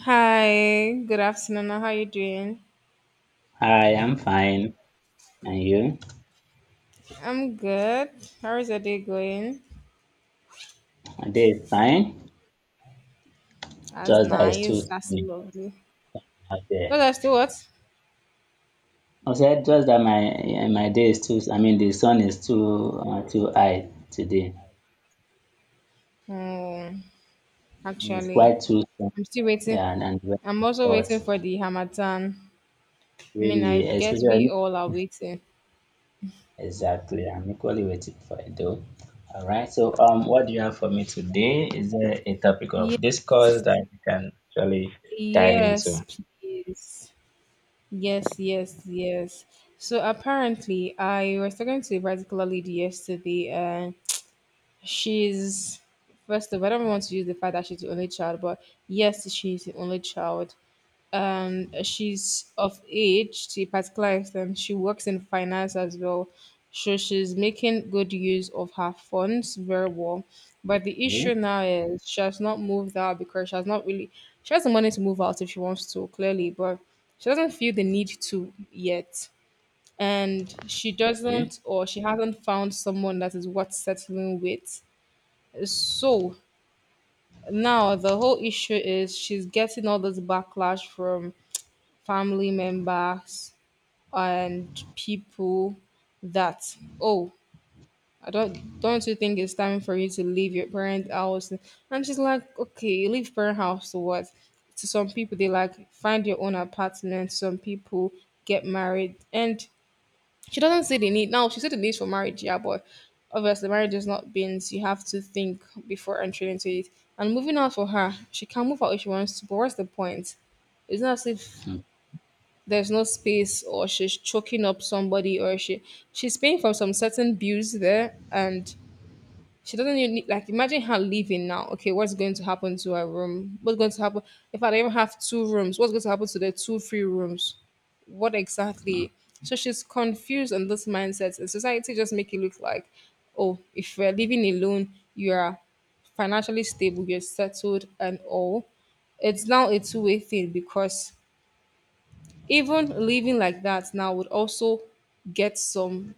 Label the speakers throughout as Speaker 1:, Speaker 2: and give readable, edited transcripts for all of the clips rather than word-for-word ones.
Speaker 1: Hi, good afternoon. How are you doing?
Speaker 2: I'm fine. And you?
Speaker 1: I'm good. How is your day going?
Speaker 2: My day is fine.
Speaker 1: That's
Speaker 2: Just that it's too
Speaker 1: nice. That's
Speaker 2: sunny
Speaker 1: lovely.
Speaker 2: out
Speaker 1: No,
Speaker 2: there.
Speaker 1: that's still what?
Speaker 2: I said just that my day is too. I mean, the sun is too too high today.
Speaker 1: Oh,
Speaker 2: It's
Speaker 1: actually,
Speaker 2: quite too sun.
Speaker 1: I'm still waiting.
Speaker 2: Yeah, and the weather
Speaker 1: I'm also waiting
Speaker 2: is
Speaker 1: for
Speaker 2: hot.
Speaker 1: the Hamatan. I mean, I
Speaker 2: Really,
Speaker 1: guess we
Speaker 2: especially
Speaker 1: all are waiting.
Speaker 2: exactly. I'm equally waiting for it though. All right. So, what do you have for me today? Is there a topic
Speaker 1: Yes,
Speaker 2: of discourse that you can actually dive
Speaker 1: yes,
Speaker 2: into?
Speaker 1: please. Yes, yes, yes. So apparently, I was talking to a particular lady yesterday, and She's first of all, I don't want to use the fact that she's the only child, but yes, she's the only child. She's of age to a particular extent. She works in finance as well, so she's making good use of her funds very well. But the issue
Speaker 2: Yeah.
Speaker 1: now is she has not moved out because she has not really she has the money to move out if she wants to, clearly, but she doesn't feel the need to yet. And she
Speaker 2: Yeah.
Speaker 1: doesn't or she hasn't found someone that is worth settling with, so now the whole issue is she's getting all this backlash from family members and people that, oh, I don't, you think it's time for you to leave your parent house? And she's like, okay, you leave parent house to what? To some people they like find your own apartment. Some people get married and she doesn't see the need. Now, she said the need for marriage, yeah, but obviously, marriage is not beans. You have to think before entering into it. And moving out for her, she can move out if she wants to, but what's the point? It's not as if there's no space or she's choking up somebody or she's paying for some certain bills there, and she doesn't even need, like imagine her leaving now. Okay, what's going to happen to her room? What's going to happen if I don't even have two rooms? What's going to happen to the two free rooms? What exactly? So she's confused on this mindset, and society just make it look like, oh, if you're living alone, you're financially stable, you're settled, and all. It's now a two-way thing because even living like that now would also get some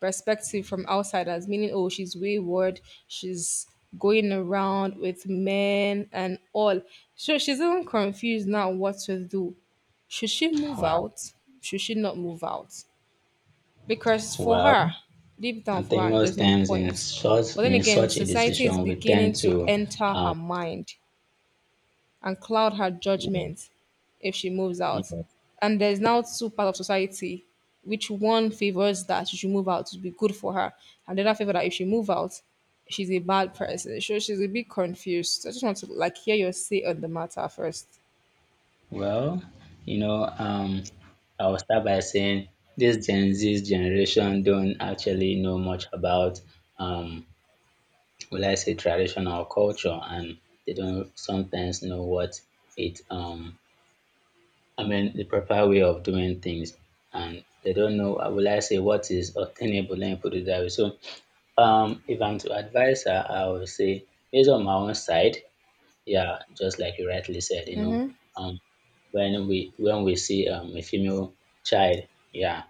Speaker 1: perspective from outsiders, meaning, oh, she's wayward, she's going around with men and all. So she's even confused now what to do. Should she move
Speaker 2: Wow.
Speaker 1: out? Should she not move out? Because
Speaker 2: Wow.
Speaker 1: for
Speaker 2: Well,
Speaker 1: her, deep
Speaker 2: I
Speaker 1: down for
Speaker 2: think
Speaker 1: her,
Speaker 2: most
Speaker 1: there's no
Speaker 2: times in
Speaker 1: point.
Speaker 2: such
Speaker 1: But then
Speaker 2: in
Speaker 1: again,
Speaker 2: such a
Speaker 1: society is
Speaker 2: decision, we
Speaker 1: beginning
Speaker 2: tend
Speaker 1: to
Speaker 2: to,
Speaker 1: enter her
Speaker 2: um,
Speaker 1: mind and cloud her
Speaker 2: yeah,
Speaker 1: judgment if she moves out.
Speaker 2: yeah.
Speaker 1: And there's now two parts of society, which one favors that she should move out to be good for her, and the other favor that if she move out, she's a bad person. So she's a bit confused. I just want to like hear your say on the matter first.
Speaker 2: Well, you know, um, I will start by saying this Gen Z generation don't actually know much about, um, will I say traditional culture, and they don't sometimes know what it, I mean, the proper way of doing things, and they don't know, will I say what is obtainable. Let me put it that way. So, if I'm to advise her, I would say, based on my own side, yeah, just like you rightly said, um, when we see a female child, yeah,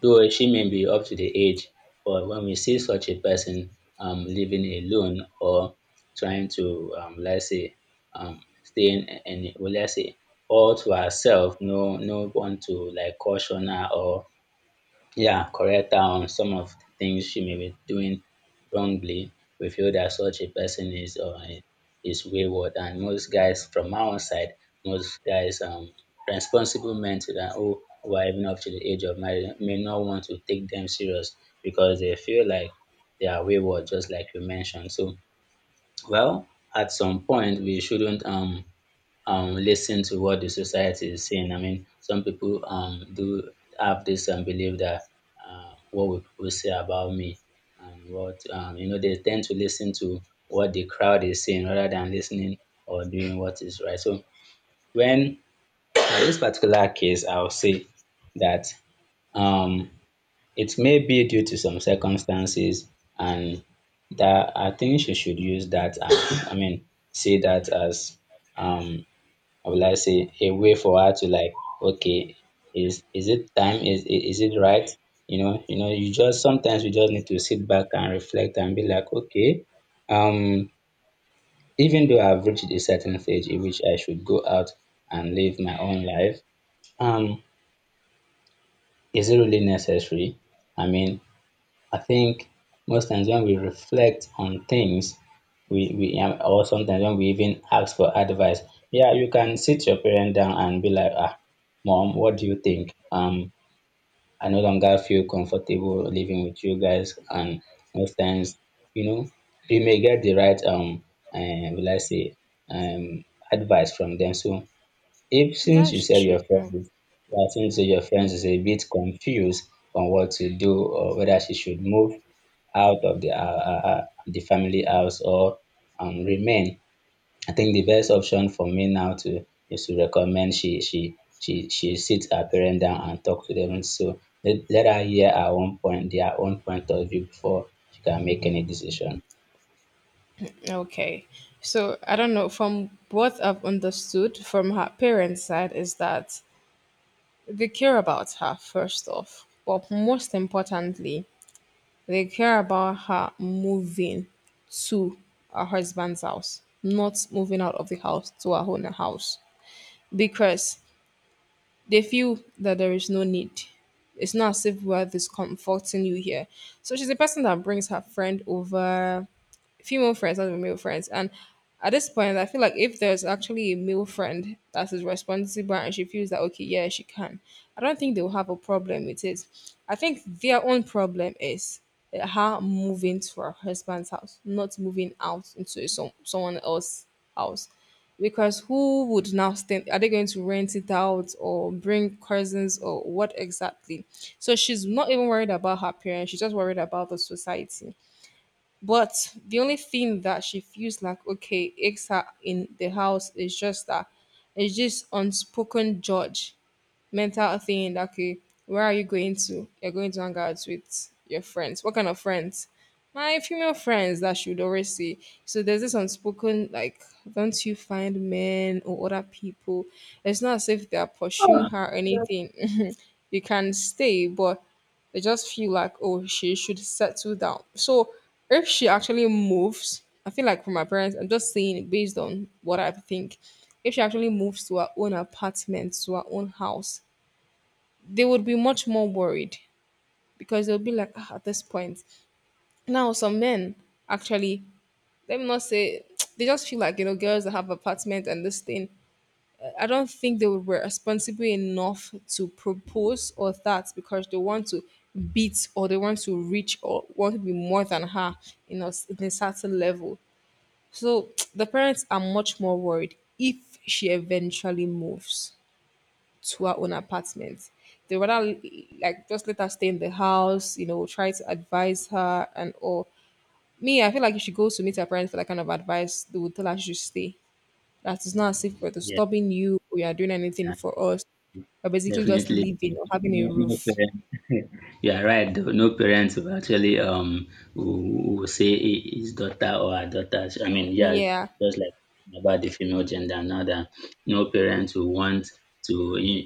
Speaker 2: though she may be up to the age, but when we see such a person living alone or trying to let's say staying in, well, let's say all to herself, no one to like caution her or yeah, correct her on some of the things she may be doing wrongly. We feel that such a person is wayward, and most guys from our own side, most guys responsible men to that who are even up to the age of marriage may not want to take them serious because they feel like they are wayward, just like you mentioned. So, well, at some point we shouldn't listen to what the society is saying. I mean, some people do have this belief that what will people say about me, and they tend to listen to what the crowd is saying rather than listening or doing what is right. So, when in this particular case, I'll say that um, it may be due to some circumstances, and that I think she should use that as, I mean, see that as um, how will I say, a way for her to like, okay, is it time? Is it right? You just sometimes we just need to sit back and reflect and be like, okay, um, even though I've reached a certain stage in which I should go out and live my own life, um, is it really necessary? I mean, I think most times when we reflect on things, we or sometimes when we even ask for advice, yeah, you can sit your parent down and be like, ah, mom, what do you think? I no longer feel comfortable living with you guys, and most times, you know, you may get the right will I say, um, advice from them. So if since you
Speaker 1: That's
Speaker 2: said
Speaker 1: true.
Speaker 2: your friends, yeah, since your friends is a bit confused on what to do or whether she should move out of the family house or remain. I think the best option for me now to is to recommend she sit her parents down and talk to them. So let her hear her own point, their own point of view before she can make any decision.
Speaker 1: Okay. So I don't know. From what I've understood from her parents' side is that they care about her first off, but most importantly, they care about her moving to her husband's house, not moving out of the house to her own house because they feel that there is no need. It's not as if we're discomforting you here. So she's a person that brings her friend over, female friends, not male friends. And at this point, I feel like if there's actually a male friend that is responsible and she feels that, okay, yeah, she can, I don't think they'll have a problem with it. I think their own problem is her moving to her husband's house, not moving out into someone else's house. Because who would now stand? Are they going to rent it out or bring cousins or what exactly? So she's not even worried about her parents. She's just worried about the society, but the only thing that she feels like okay aches her in the house is just that it's just unspoken judge mental thing that, okay, where are you going to? You're going to hang out with your friends. What kind of friends? My female friends that she would always say. So there's this unspoken like, don't you find men or other people? It's not as if they are pursuing her or anything. You can stay, but they just feel like oh she should settle down. So if she actually moves, I feel like for my parents, I'm just saying it based on what I think. If she actually moves to her own apartment, to her own house, they would be much more worried because they'll be like, "Ah, at this point." Now, some men actually, let me not say, they just feel like, you know, girls that have apartment and this thing. I don't think they were responsible enough to propose or that because they want to beat or they want to reach or want to be more than her in in a certain level. So the parents are much more worried if she eventually moves to her own apartment. They rather like just let her stay in the house, you know, try to advise her and all. Me, I feel like if she goes to meet her parents for that kind of advice, they would tell her she should stay. That is not as if we're
Speaker 2: Yeah.
Speaker 1: stopping you or you are doing anything for us. We're basically just
Speaker 2: Definitely.
Speaker 1: living or having a
Speaker 2: No, no
Speaker 1: roof.
Speaker 2: parent. You are right, though. No parents will actually will say his daughter or her daughter. I mean, yeah,
Speaker 1: Yeah.
Speaker 2: just like about the female gender. Now that no parents will want to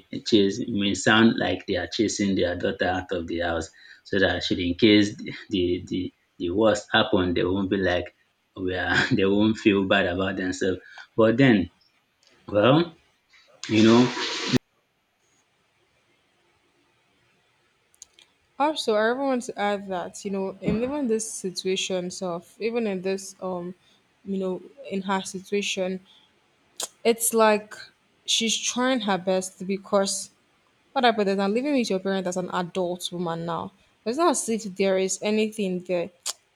Speaker 2: chase. It may sound like they are chasing their daughter out of the house, so that should in case the worst happen, they won't be like we are. They won't feel bad about themselves. But then, well, you know,
Speaker 1: Also, I even want to add that, you know, in even these situations of even in this you know, in her situation, it's like she's trying her best because what happened is I'm living with your parents as an adult woman now. It's not as if there is anything there.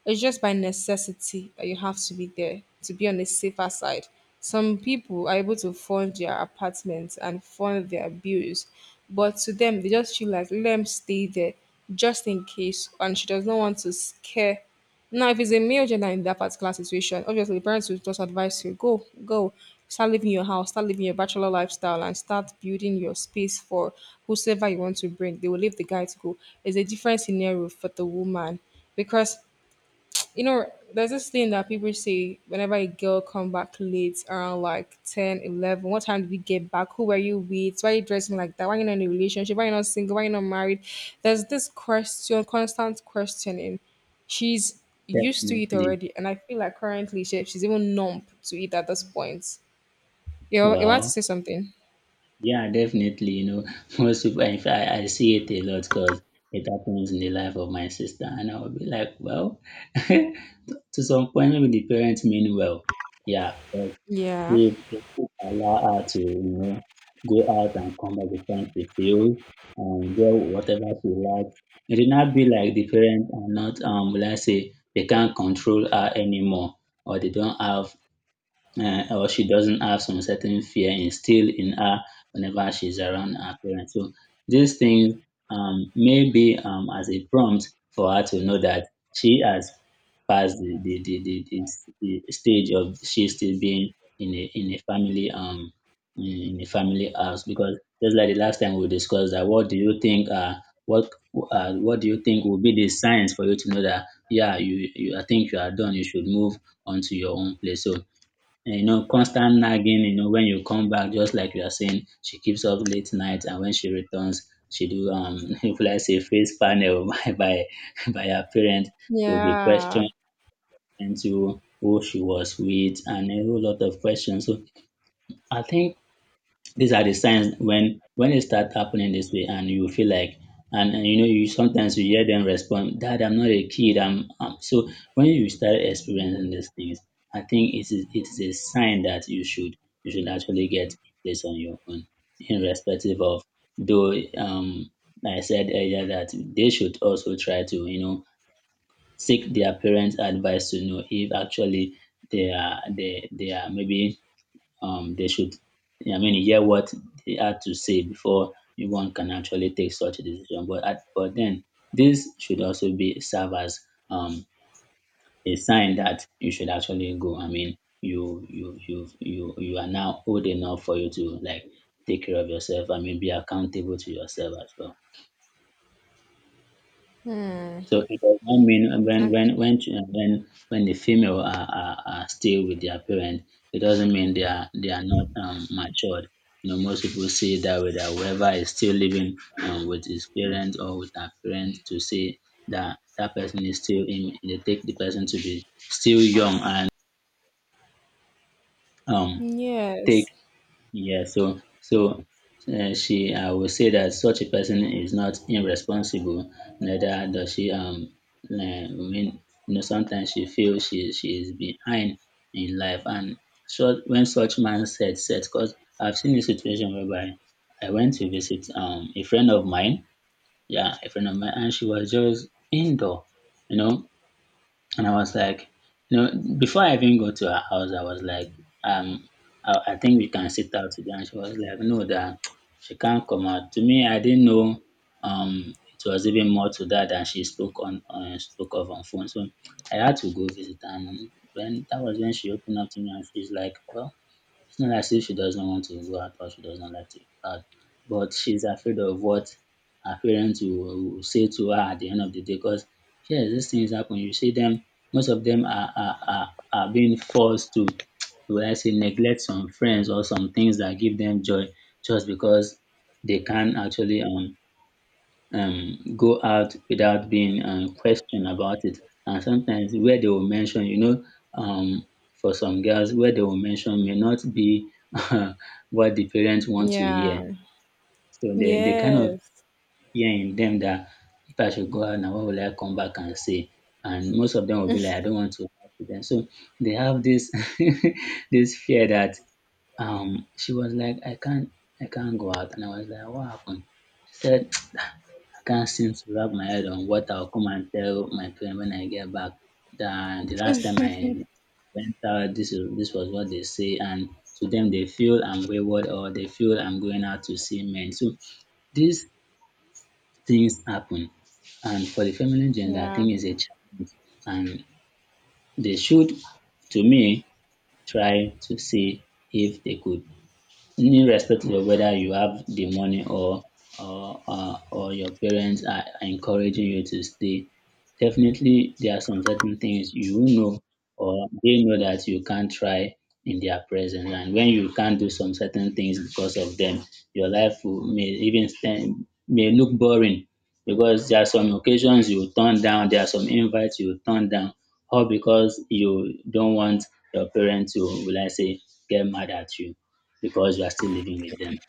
Speaker 1: It's just by necessity that you have to be there to be on the safer side. Some people are able to fund their apartments and fund their bills, but to them, they just feel like let them stay there just in case, and she does not want to scare. Now, if it's a male gender in that particular situation, obviously the parents will just advise you go, go, start living your house, start living your bachelor lifestyle, and start building your space for whosoever you want to bring. They will leave the guy to go. It's a different scenario for the woman because, you know, there's this thing that people say whenever a girl come back late around like 10, 11. What time did you get back? Who were you with? Why are you dressing like that? Why are you not in a relationship? Why are you not single? Why are you not married? There's this question, constant questioning. She's used to it
Speaker 2: definitely,
Speaker 1: already. And I feel like currently she's even numb to it at this point. You're about to
Speaker 2: well.
Speaker 1: say something?
Speaker 2: Yeah, definitely. Most people, in fact, I see it a lot because it happens in the life of my sister. And I will be like, well, to some point, maybe the parents mean well. Yeah, but
Speaker 1: Yeah.
Speaker 2: they still allow her to, go out and come back the time she feels and get whatever she likes. It did not be like the parents are not, let's say, they can't control her anymore, or they don't have or she doesn't have some certain fear instilled in her whenever she's around her parents. So these things may be as a prompt for her to know that she has passed the stage of she still being in a family in a family house, because just like the last time we discussed that what what do you think will be the signs for you to know that yeah, you I think you are done, you should move onto your own place. So, and constant nagging, when you come back, just like you are saying, she keeps up late night, and when she returns, she do if let's say face panel by her parents, she will be
Speaker 1: Yeah.
Speaker 2: questioned into who she was with, and a whole lot of questions. So I think these are the signs when it start happening this way and you feel like, and you sometimes you hear them respond, "Dad, I'm not a kid. I'm So when you start experiencing these things, I think it is a sign that you should actually get a place on your own, irrespective of, though, like I said earlier, that they should also try to, seek their parents' advice to know if actually they are maybe, they should, I mean, hear what they had to say before one can actually take such a decision. But then this should also be serve as um a sign that you should actually go. I mean, you are now old enough for you to like take care of yourself. I mean, be accountable to yourself as well.
Speaker 1: Hmm.
Speaker 2: So it does not mean when
Speaker 1: And-
Speaker 2: when the female are still with their parent, it doesn't mean they are not matured. Most people see it that way, that whoever is still living with his parent or with her parent, to say that that person is still in they take the person to be still young and um take
Speaker 1: Yes.
Speaker 2: yeah, she I would say that such a person is not irresponsible, neither does she I mean, sometimes she feels she is behind in life. And so, when such mindset set, cause I've seen a situation whereby I went to visit a friend of mine, yeah, a friend of mine, and she was just indoor, you know and I was like, you know, before I even go to her house, I was like, um, I think we can sit out today. And she was like, no, that she can't come out. To me, I didn't know it was even more to that than she spoke on, spoke of on phone. So I had to go visit, and when that was when she opened up to me, and she's like, well, it's not as if she doesn't want to go out or she doesn't like to go out, but she's afraid of what her parents will say to her at the end of the day. Because yes, these things happen. You see them, most of them are being forced to, will I say, neglect some friends or some things that give them joy, just because they can't actually go out without being questioned about it. And sometimes where they will mention, um, for some girls, where they will mention may not be uh, what the parents want to hear.
Speaker 1: Yeah.
Speaker 2: So they kind of
Speaker 1: Yes.
Speaker 2: hear in them that if I should go out now, what will I come back and say? And most of them will be like, I don't want to lie to them. So they have this this fear that she was like, "I can't go out." And I was like, what happened? She said, I can't seem to wrap my head on what I'll come and tell my parents when I get back, that the last time I went out, this was what they say, and to them, they feel I'm wayward, or they feel I'm going out to see men. So these things happen, and for the feminine gender, I
Speaker 1: Yeah.
Speaker 2: think it's a challenge, and they should, to me, try to see if they could, irrespective of whether you have the money, or your parents are encouraging you to stay. Definitely there are some certain things you will know, or they know that you can't try in their presence. And when you can't do some certain things because of them, your life will, may even stand, may look boring, because there are some occasions you turn down, there are some invites you turn down, all because you don't want your parents to, will I say, get mad at you because you are still living with them.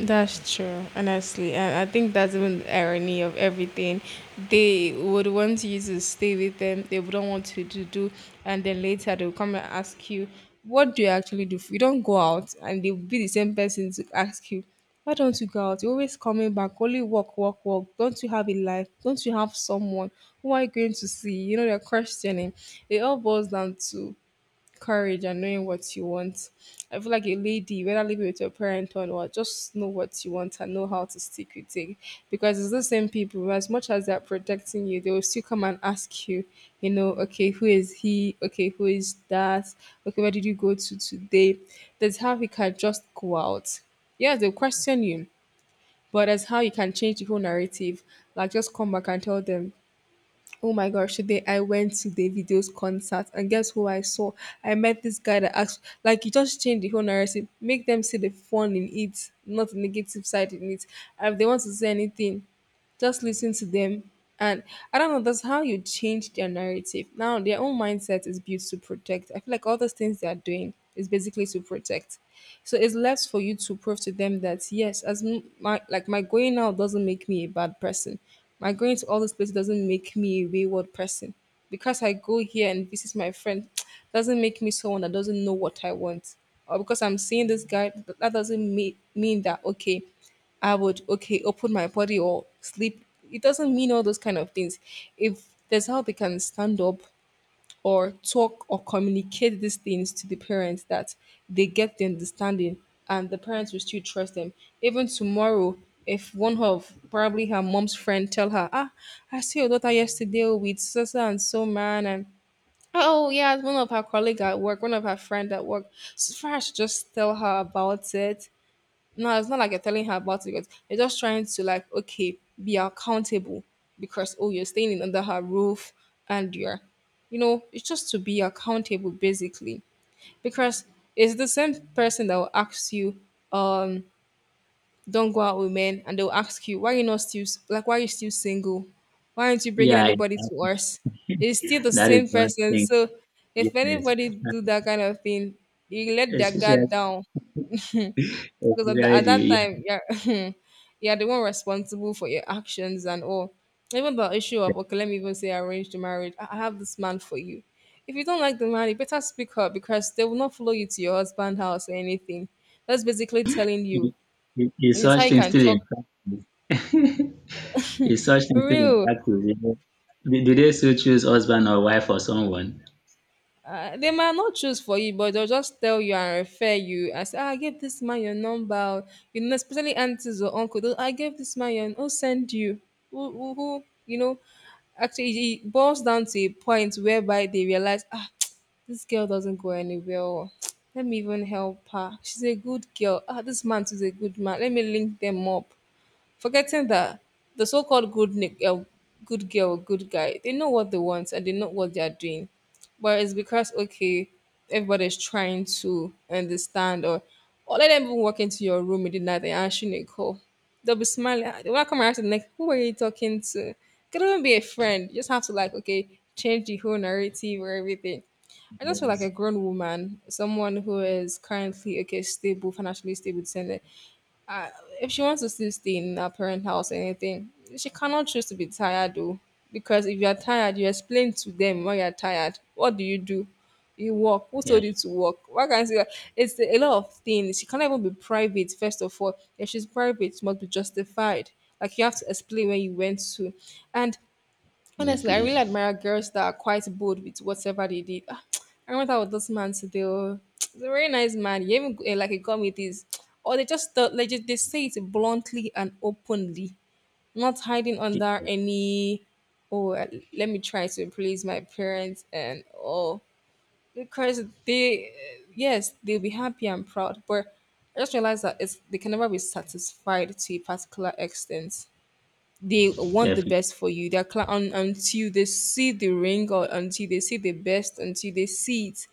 Speaker 1: That's true, honestly. And I think that's even the irony of everything. They would want you to stay with them, they wouldn't want you to do, and then later they'll come and ask you, what do you actually do? You don't go out, and they'll be the same person to ask you, why don't you go out? You're always coming back, only work, work, work. Don't you have a life? Don't you have someone? Who are you going to see? You know, they're questioning. It all boils down to courage and knowing what you want. I feel like a lady, whether living with your parent or not, just know what you want and know how to stick with it. Because it's the same people, as much as they're protecting you, they will still come and ask you, you know, okay, who is he? Okay, who is that? Okay, where did you go to today? That's how he can just go out. Yes, they'll question you, but that's how you can change the whole narrative. Like, just come back and tell them, oh my gosh, today I went to Davido's concert and guess who I saw? I met this guy that asked, like, you just change the whole narrative, make them see the fun in it, not the negative side in it. And if they want to say anything, just listen to them. And I don't know, that's how you change their narrative. Now, their own mindset is built to protect. I feel like all those things they are doing is basically to protect. So it's left for you to prove to them that, yes, as my, like my going out doesn't make me a bad person. My going to all those places doesn't make me a wayward person. Because I go here and visit my friend doesn't make me someone that doesn't know what I want or because I'm seeing this guy, that doesn't mean that okay. I would okay open my body or sleep. It doesn't mean all those kind of things. If there's how they can stand up or talk or communicate these things to the parents that they get the understanding and the parents will still trust them. Even tomorrow, if one of probably her mom's friend tell her, ah, I see your daughter yesterday with so so and so man and oh yeah, one of her colleague at work, one of her friend at work. So far, I should just tell her about it. No, it's not like you're telling her about it because you're just trying to, like, okay, be accountable because oh, you're staying in under her roof and you're, it's just to be accountable basically because it's the same person that will ask you, um, don't go out with men, and they'll ask you why are you not still s- like why are you still single, why aren't you bringing
Speaker 2: Yeah, in
Speaker 1: anybody to
Speaker 2: fact,
Speaker 1: us? It's still the
Speaker 2: that is
Speaker 1: same
Speaker 2: one
Speaker 1: person,
Speaker 2: thing.
Speaker 1: so if
Speaker 2: Yes.
Speaker 1: anybody do
Speaker 2: And
Speaker 1: that kind of thing, you let their guard
Speaker 2: especially,
Speaker 1: down because at, the,
Speaker 2: especially
Speaker 1: at
Speaker 2: the
Speaker 1: that
Speaker 2: yeah,
Speaker 1: time you're you're the one responsible for your actions and all. Even the issue of, okay, let me even say arranged marriage, I have this man for you. If you don't like the man, you better speak up because they will not follow you to your husband's house or anything. That's basically telling you,
Speaker 2: the- is
Speaker 1: and that's
Speaker 2: such
Speaker 1: how you
Speaker 2: thing
Speaker 1: can
Speaker 2: still
Speaker 1: talk
Speaker 2: in practice? Is such thing still in
Speaker 1: real.
Speaker 2: practice? You know? Do they still choose husband or wife or someone?
Speaker 1: They might not choose for you, but they'll just tell you and refer you and say, "Ah, I gave this man your number. Oh." You know, especially aunties or uncles. "Oh, I gave this man your n- who send you. Who, who," you know, actually, it boils down to a point whereby they realize, ah, this girl doesn't go anywhere. Oh. Let me even help her. She's a good girl. Ah, this man is a good man. Let me link them up, forgetting that the so-called good good girl or good guy, they know what they want and they know what they are doing. But it's because, okay, everybody's trying to understand, or let them even walk into your room in the night and answer a call, they'll be smiling, they want to come around to the next, who are you talking to? Could even be a friend. You just have to, like, okay, change the whole narrative or everything. I just feel like a
Speaker 2: Yes.
Speaker 1: grown woman, someone who is currently okay, stable, financially stable, saying, uh, if she wants to still stay in her parent house or anything, she cannot choose to be tired though. Because if you are tired, you explain to them why you are tired. What do? You work. Who
Speaker 2: Yeah,
Speaker 1: told you to work? Why can't you? It's a lot of things. She cannot even be private, first of all. If she's private, it must be justified. Like you have to explain where you went to. And honestly, I really
Speaker 2: definitely.
Speaker 1: admire girls that are quite bold with whatever they did. Ah, I remember that with this man today. Oh. He's a very nice man. He even eh, like he got me this. Or they just thought, like just- they say it bluntly and openly, not hiding under any. Oh, eh, let me try to please my parents and oh, because they eh, yes, they'll be happy and proud, but I just realized that it's they can never be satisfied to a particular extent. They want the
Speaker 2: Definitely.
Speaker 1: best for you. They're cla- un- until they see the ring or until they see the best, until they see it,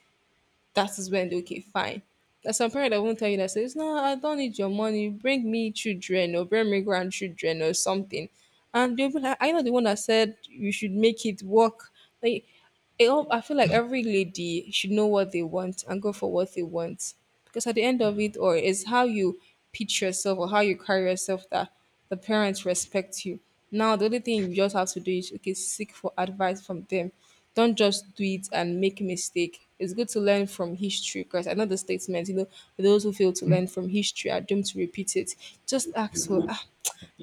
Speaker 1: that is when okay, fine. There's some parent that won't tell you, that says, no, I don't need your money, bring me children or bring me grandchildren or something. And they'll be like, I know the one that said you should make it work. Like it all, I feel like every lady should know what they want and go for what they want. Because at the end of it, or is how you pitch yourself or how you carry yourself that the parents respect you. Now, the only thing you just have to do is, okay, seek for advice from them. Don't just do it and make a mistake. It's good to learn from history because I know the statement, you know, those who fail to learn from history are doomed to repeat it. Just ask for, ah,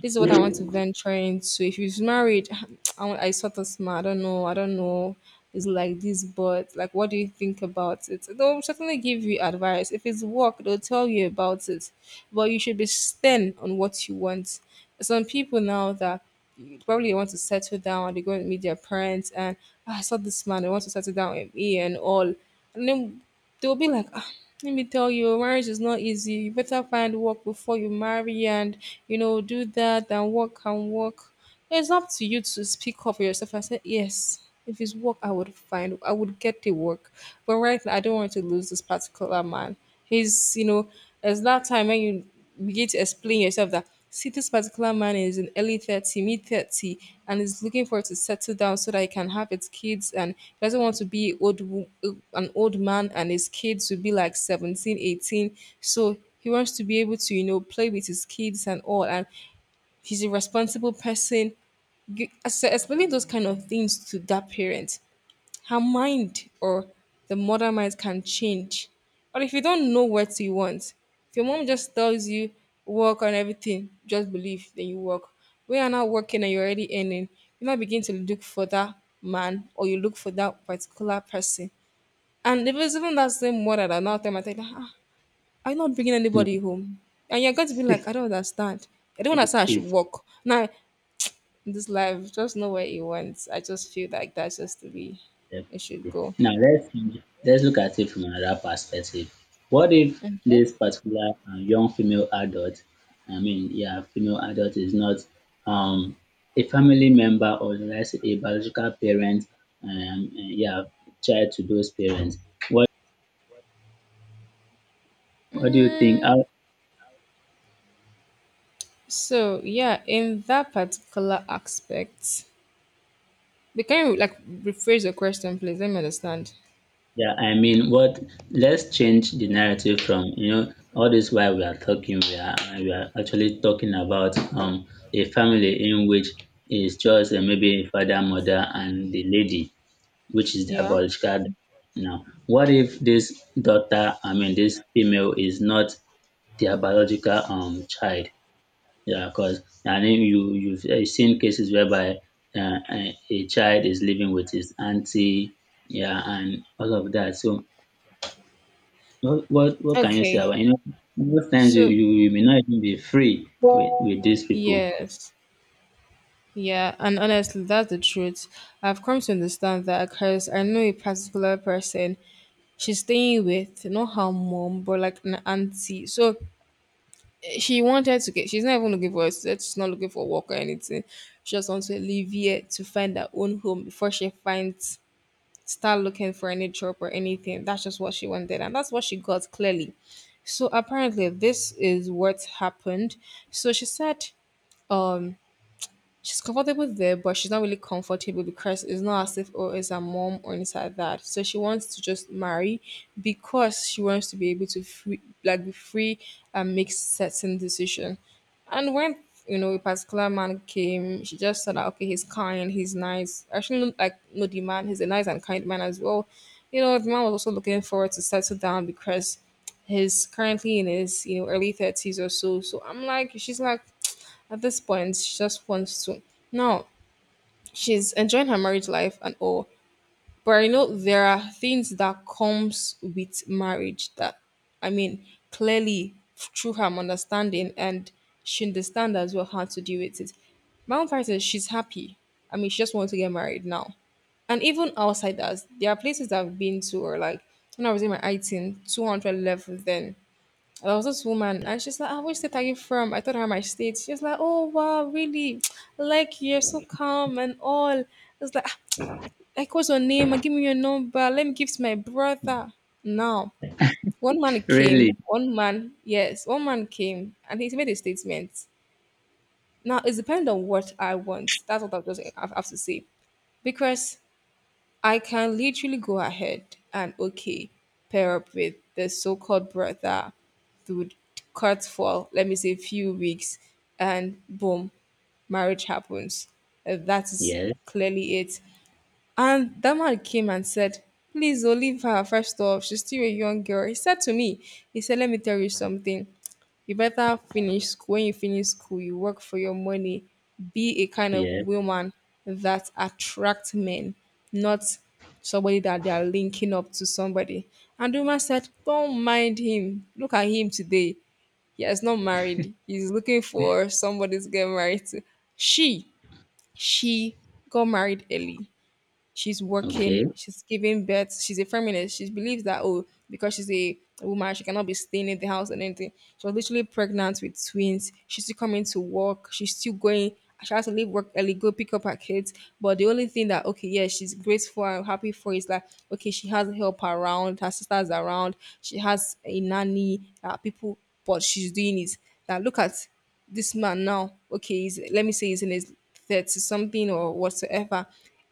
Speaker 1: this is what I want to venture into. If he's married, I sort of smart. I don't know. I don't know. It's like this, but like, what do you think about it? They'll certainly give you advice. If it's work, they'll tell you about it. But you should be stern on what you want. Some people now that probably want to settle down, they go and meet their parents, and, "Ah, I saw this man. I want to settle down with me and all." And then they'll be like, ah, let me tell you, marriage is not easy. You better find work before you marry and, you know, do that and work and work. It's up to you to speak up for yourself. I said, yes, if it's work, I would get the work. But right now, I don't want to lose this particular man. He's, you know, it's that time when you begin to explain yourself that see, this particular man is in early 30, mid 30, and is looking for to settle down so that he can have his kids. And he doesn't want to be old, an old man and his kids will be like 17, 18. So he wants to be able to, you know, play with his kids and all. And he's a responsible person. Explaining those kind of things to that parent, her mind or the mother mind can change. But if you don't know what you want, if your mom just tells you work on everything, just believe, then you work. When you're not working and you're already earning, you now begin to look for that man or you look for that particular person. And if it's even that same mother that now tell her, ah, are you not bringing anybody home? And you're going to be like, I don't understand. I don't
Speaker 2: It,
Speaker 1: understand. I should
Speaker 2: it,
Speaker 1: work. Now, in this life, just know what you want. I just feel like that's just the way it should
Speaker 2: Definitely.
Speaker 1: go.
Speaker 2: Now let's look at it from another perspective. What if
Speaker 1: Okay.
Speaker 2: this particular young female adult, I mean, yeah, female adult is not um, a family member, or let's say a biological parent, yeah, child to those parents. What what do you think?
Speaker 1: Mm,
Speaker 2: How?
Speaker 1: so yeah, in that particular aspect, but can you, like, rephrase your question, please? Let me understand.
Speaker 2: Yeah, I mean, what? Let's change the narrative. From, all this while we are talking, we are actually talking about a family in which is just maybe father, mother, and the lady, which is the
Speaker 1: Yeah.
Speaker 2: biological. Now, what if this daughter, I mean, this female is not their biological child? Yeah, because I mean, you've seen cases whereby a child is living with his auntie, yeah, and all of that. So what can you say
Speaker 1: Okay.
Speaker 2: about, most times you,
Speaker 1: So
Speaker 2: you you may not even be free with these people.
Speaker 1: yes. Yeah, and honestly, that's the truth. I've come to understand that, because I know a particular person, she's staying with not her mom but like an auntie, so eh, she wanted to get, she's not even looking for us, she's not looking for work or anything, she just wants to live here to find her own home before she finds, start looking for any job or anything. That's just what she wanted, and that's what she got clearly. So apparently, this is what happened. So she said she's comfortable there, but she's not really comfortable because it's not as if oh it's her mom or anything like that. So she wants to just marry because she wants to be able to free, like be free and make certain decision. And when you know a particular man came, she just said that okay, he's kind, he's nice. Actually, no, like no, the man, he's a nice and kind man as well. You know, the man was also looking forward to settle down because he's currently in his, you know, early 30s or so. So I'm like, she's like, at this point, she just wants to. Now, she's enjoying her marriage life and all, but I know there are things that comes with marriage that, I mean, clearly through her understanding, and she understand as well how to deal with it. My own part is she's happy. I mean, she just wants to get married now. And even outside that, there are places that I've been to, or like when I was in my 18, 200 level then, there was this woman, and she's like, ah, "Which state are you from?" I told her my state. She's like, "Oh wow, really? I like you. You're so calm and all." It's like, "Ah, like what's your name? And give me your number. Let me give to my brother." Now, one man
Speaker 2: Really?
Speaker 1: came. One man, yes, one man came, and he made a statement. Now it depends on what I want. That's what I have to say. Because I can literally go ahead and, okay, pair up with the so called brother, through cut for, let me say, few weeks, and boom, marriage happens. That is
Speaker 2: Yes,
Speaker 1: clearly it. And that man came and said, "Please, oh, leave her first off. She's still a young girl." He said to me, he said, "Let me tell you something. You better finish school. When you finish school, you work for your money. Be a kind of
Speaker 2: yes.
Speaker 1: woman that attracts men, not somebody that they are linking up to somebody." And the woman said, "Don't mind him. Look at him today. He has not married. He's looking for somebody to get married to." She, she got married early, she's
Speaker 2: Okay.
Speaker 1: working, she's giving birth, she's a feminist. She believes that oh, because she's a woman, she cannot be staying in the house and anything. She was literally pregnant with twins. She's still coming to work. She's still going. She has to leave work early, go pick up her kids. But the only thing that, okay, yeah, she's grateful and happy for is that okay, she has help around, her sisters around, she has a nanny, that people, but she's doing it. That look at this man now, okay, he's, let me say he's in his 30 something or whatsoever.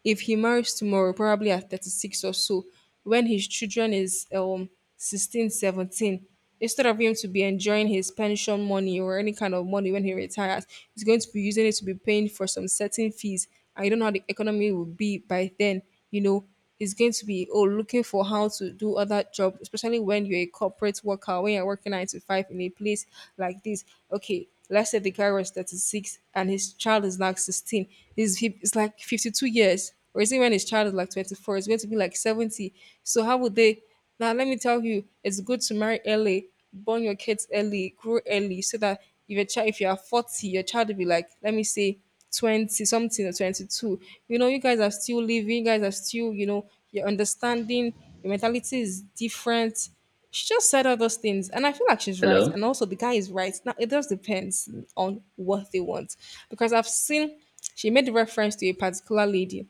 Speaker 1: If he marries tomorrow, probably at 36 or so, when his children is 16, 17, instead of him to be enjoying his pension money or any kind of money when he retires, he's going to be using it to be paying for some certain fees. I don't know how the economy will be by then, you know, is going to be oh looking for how to do other job, especially when you're a corporate worker, when you're working 9 to 5 in a place like this. Okay, let's say the guy was 36 and his child is like 16, he's, it's like 52 years, or is it when his child is like 24, it's going to be like 70. So how would they, now let me tell you, it's good to marry early, born your kids early, grow early, so that if your child, if you are 40, your child will be like, let me say, 20 something or 22. You know, you guys are still living, you guys are still, you know, your understanding, your mentality is different. She just said all those things, and I feel like she's right,
Speaker 2: Hello?
Speaker 1: and also the guy is right. Now it just depends on what they want. Because I've seen, she made reference to a particular lady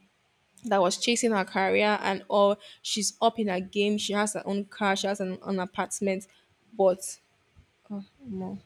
Speaker 1: that was chasing her career and all, she's up in her game, she has her own car, she has an apartment, but oh, no.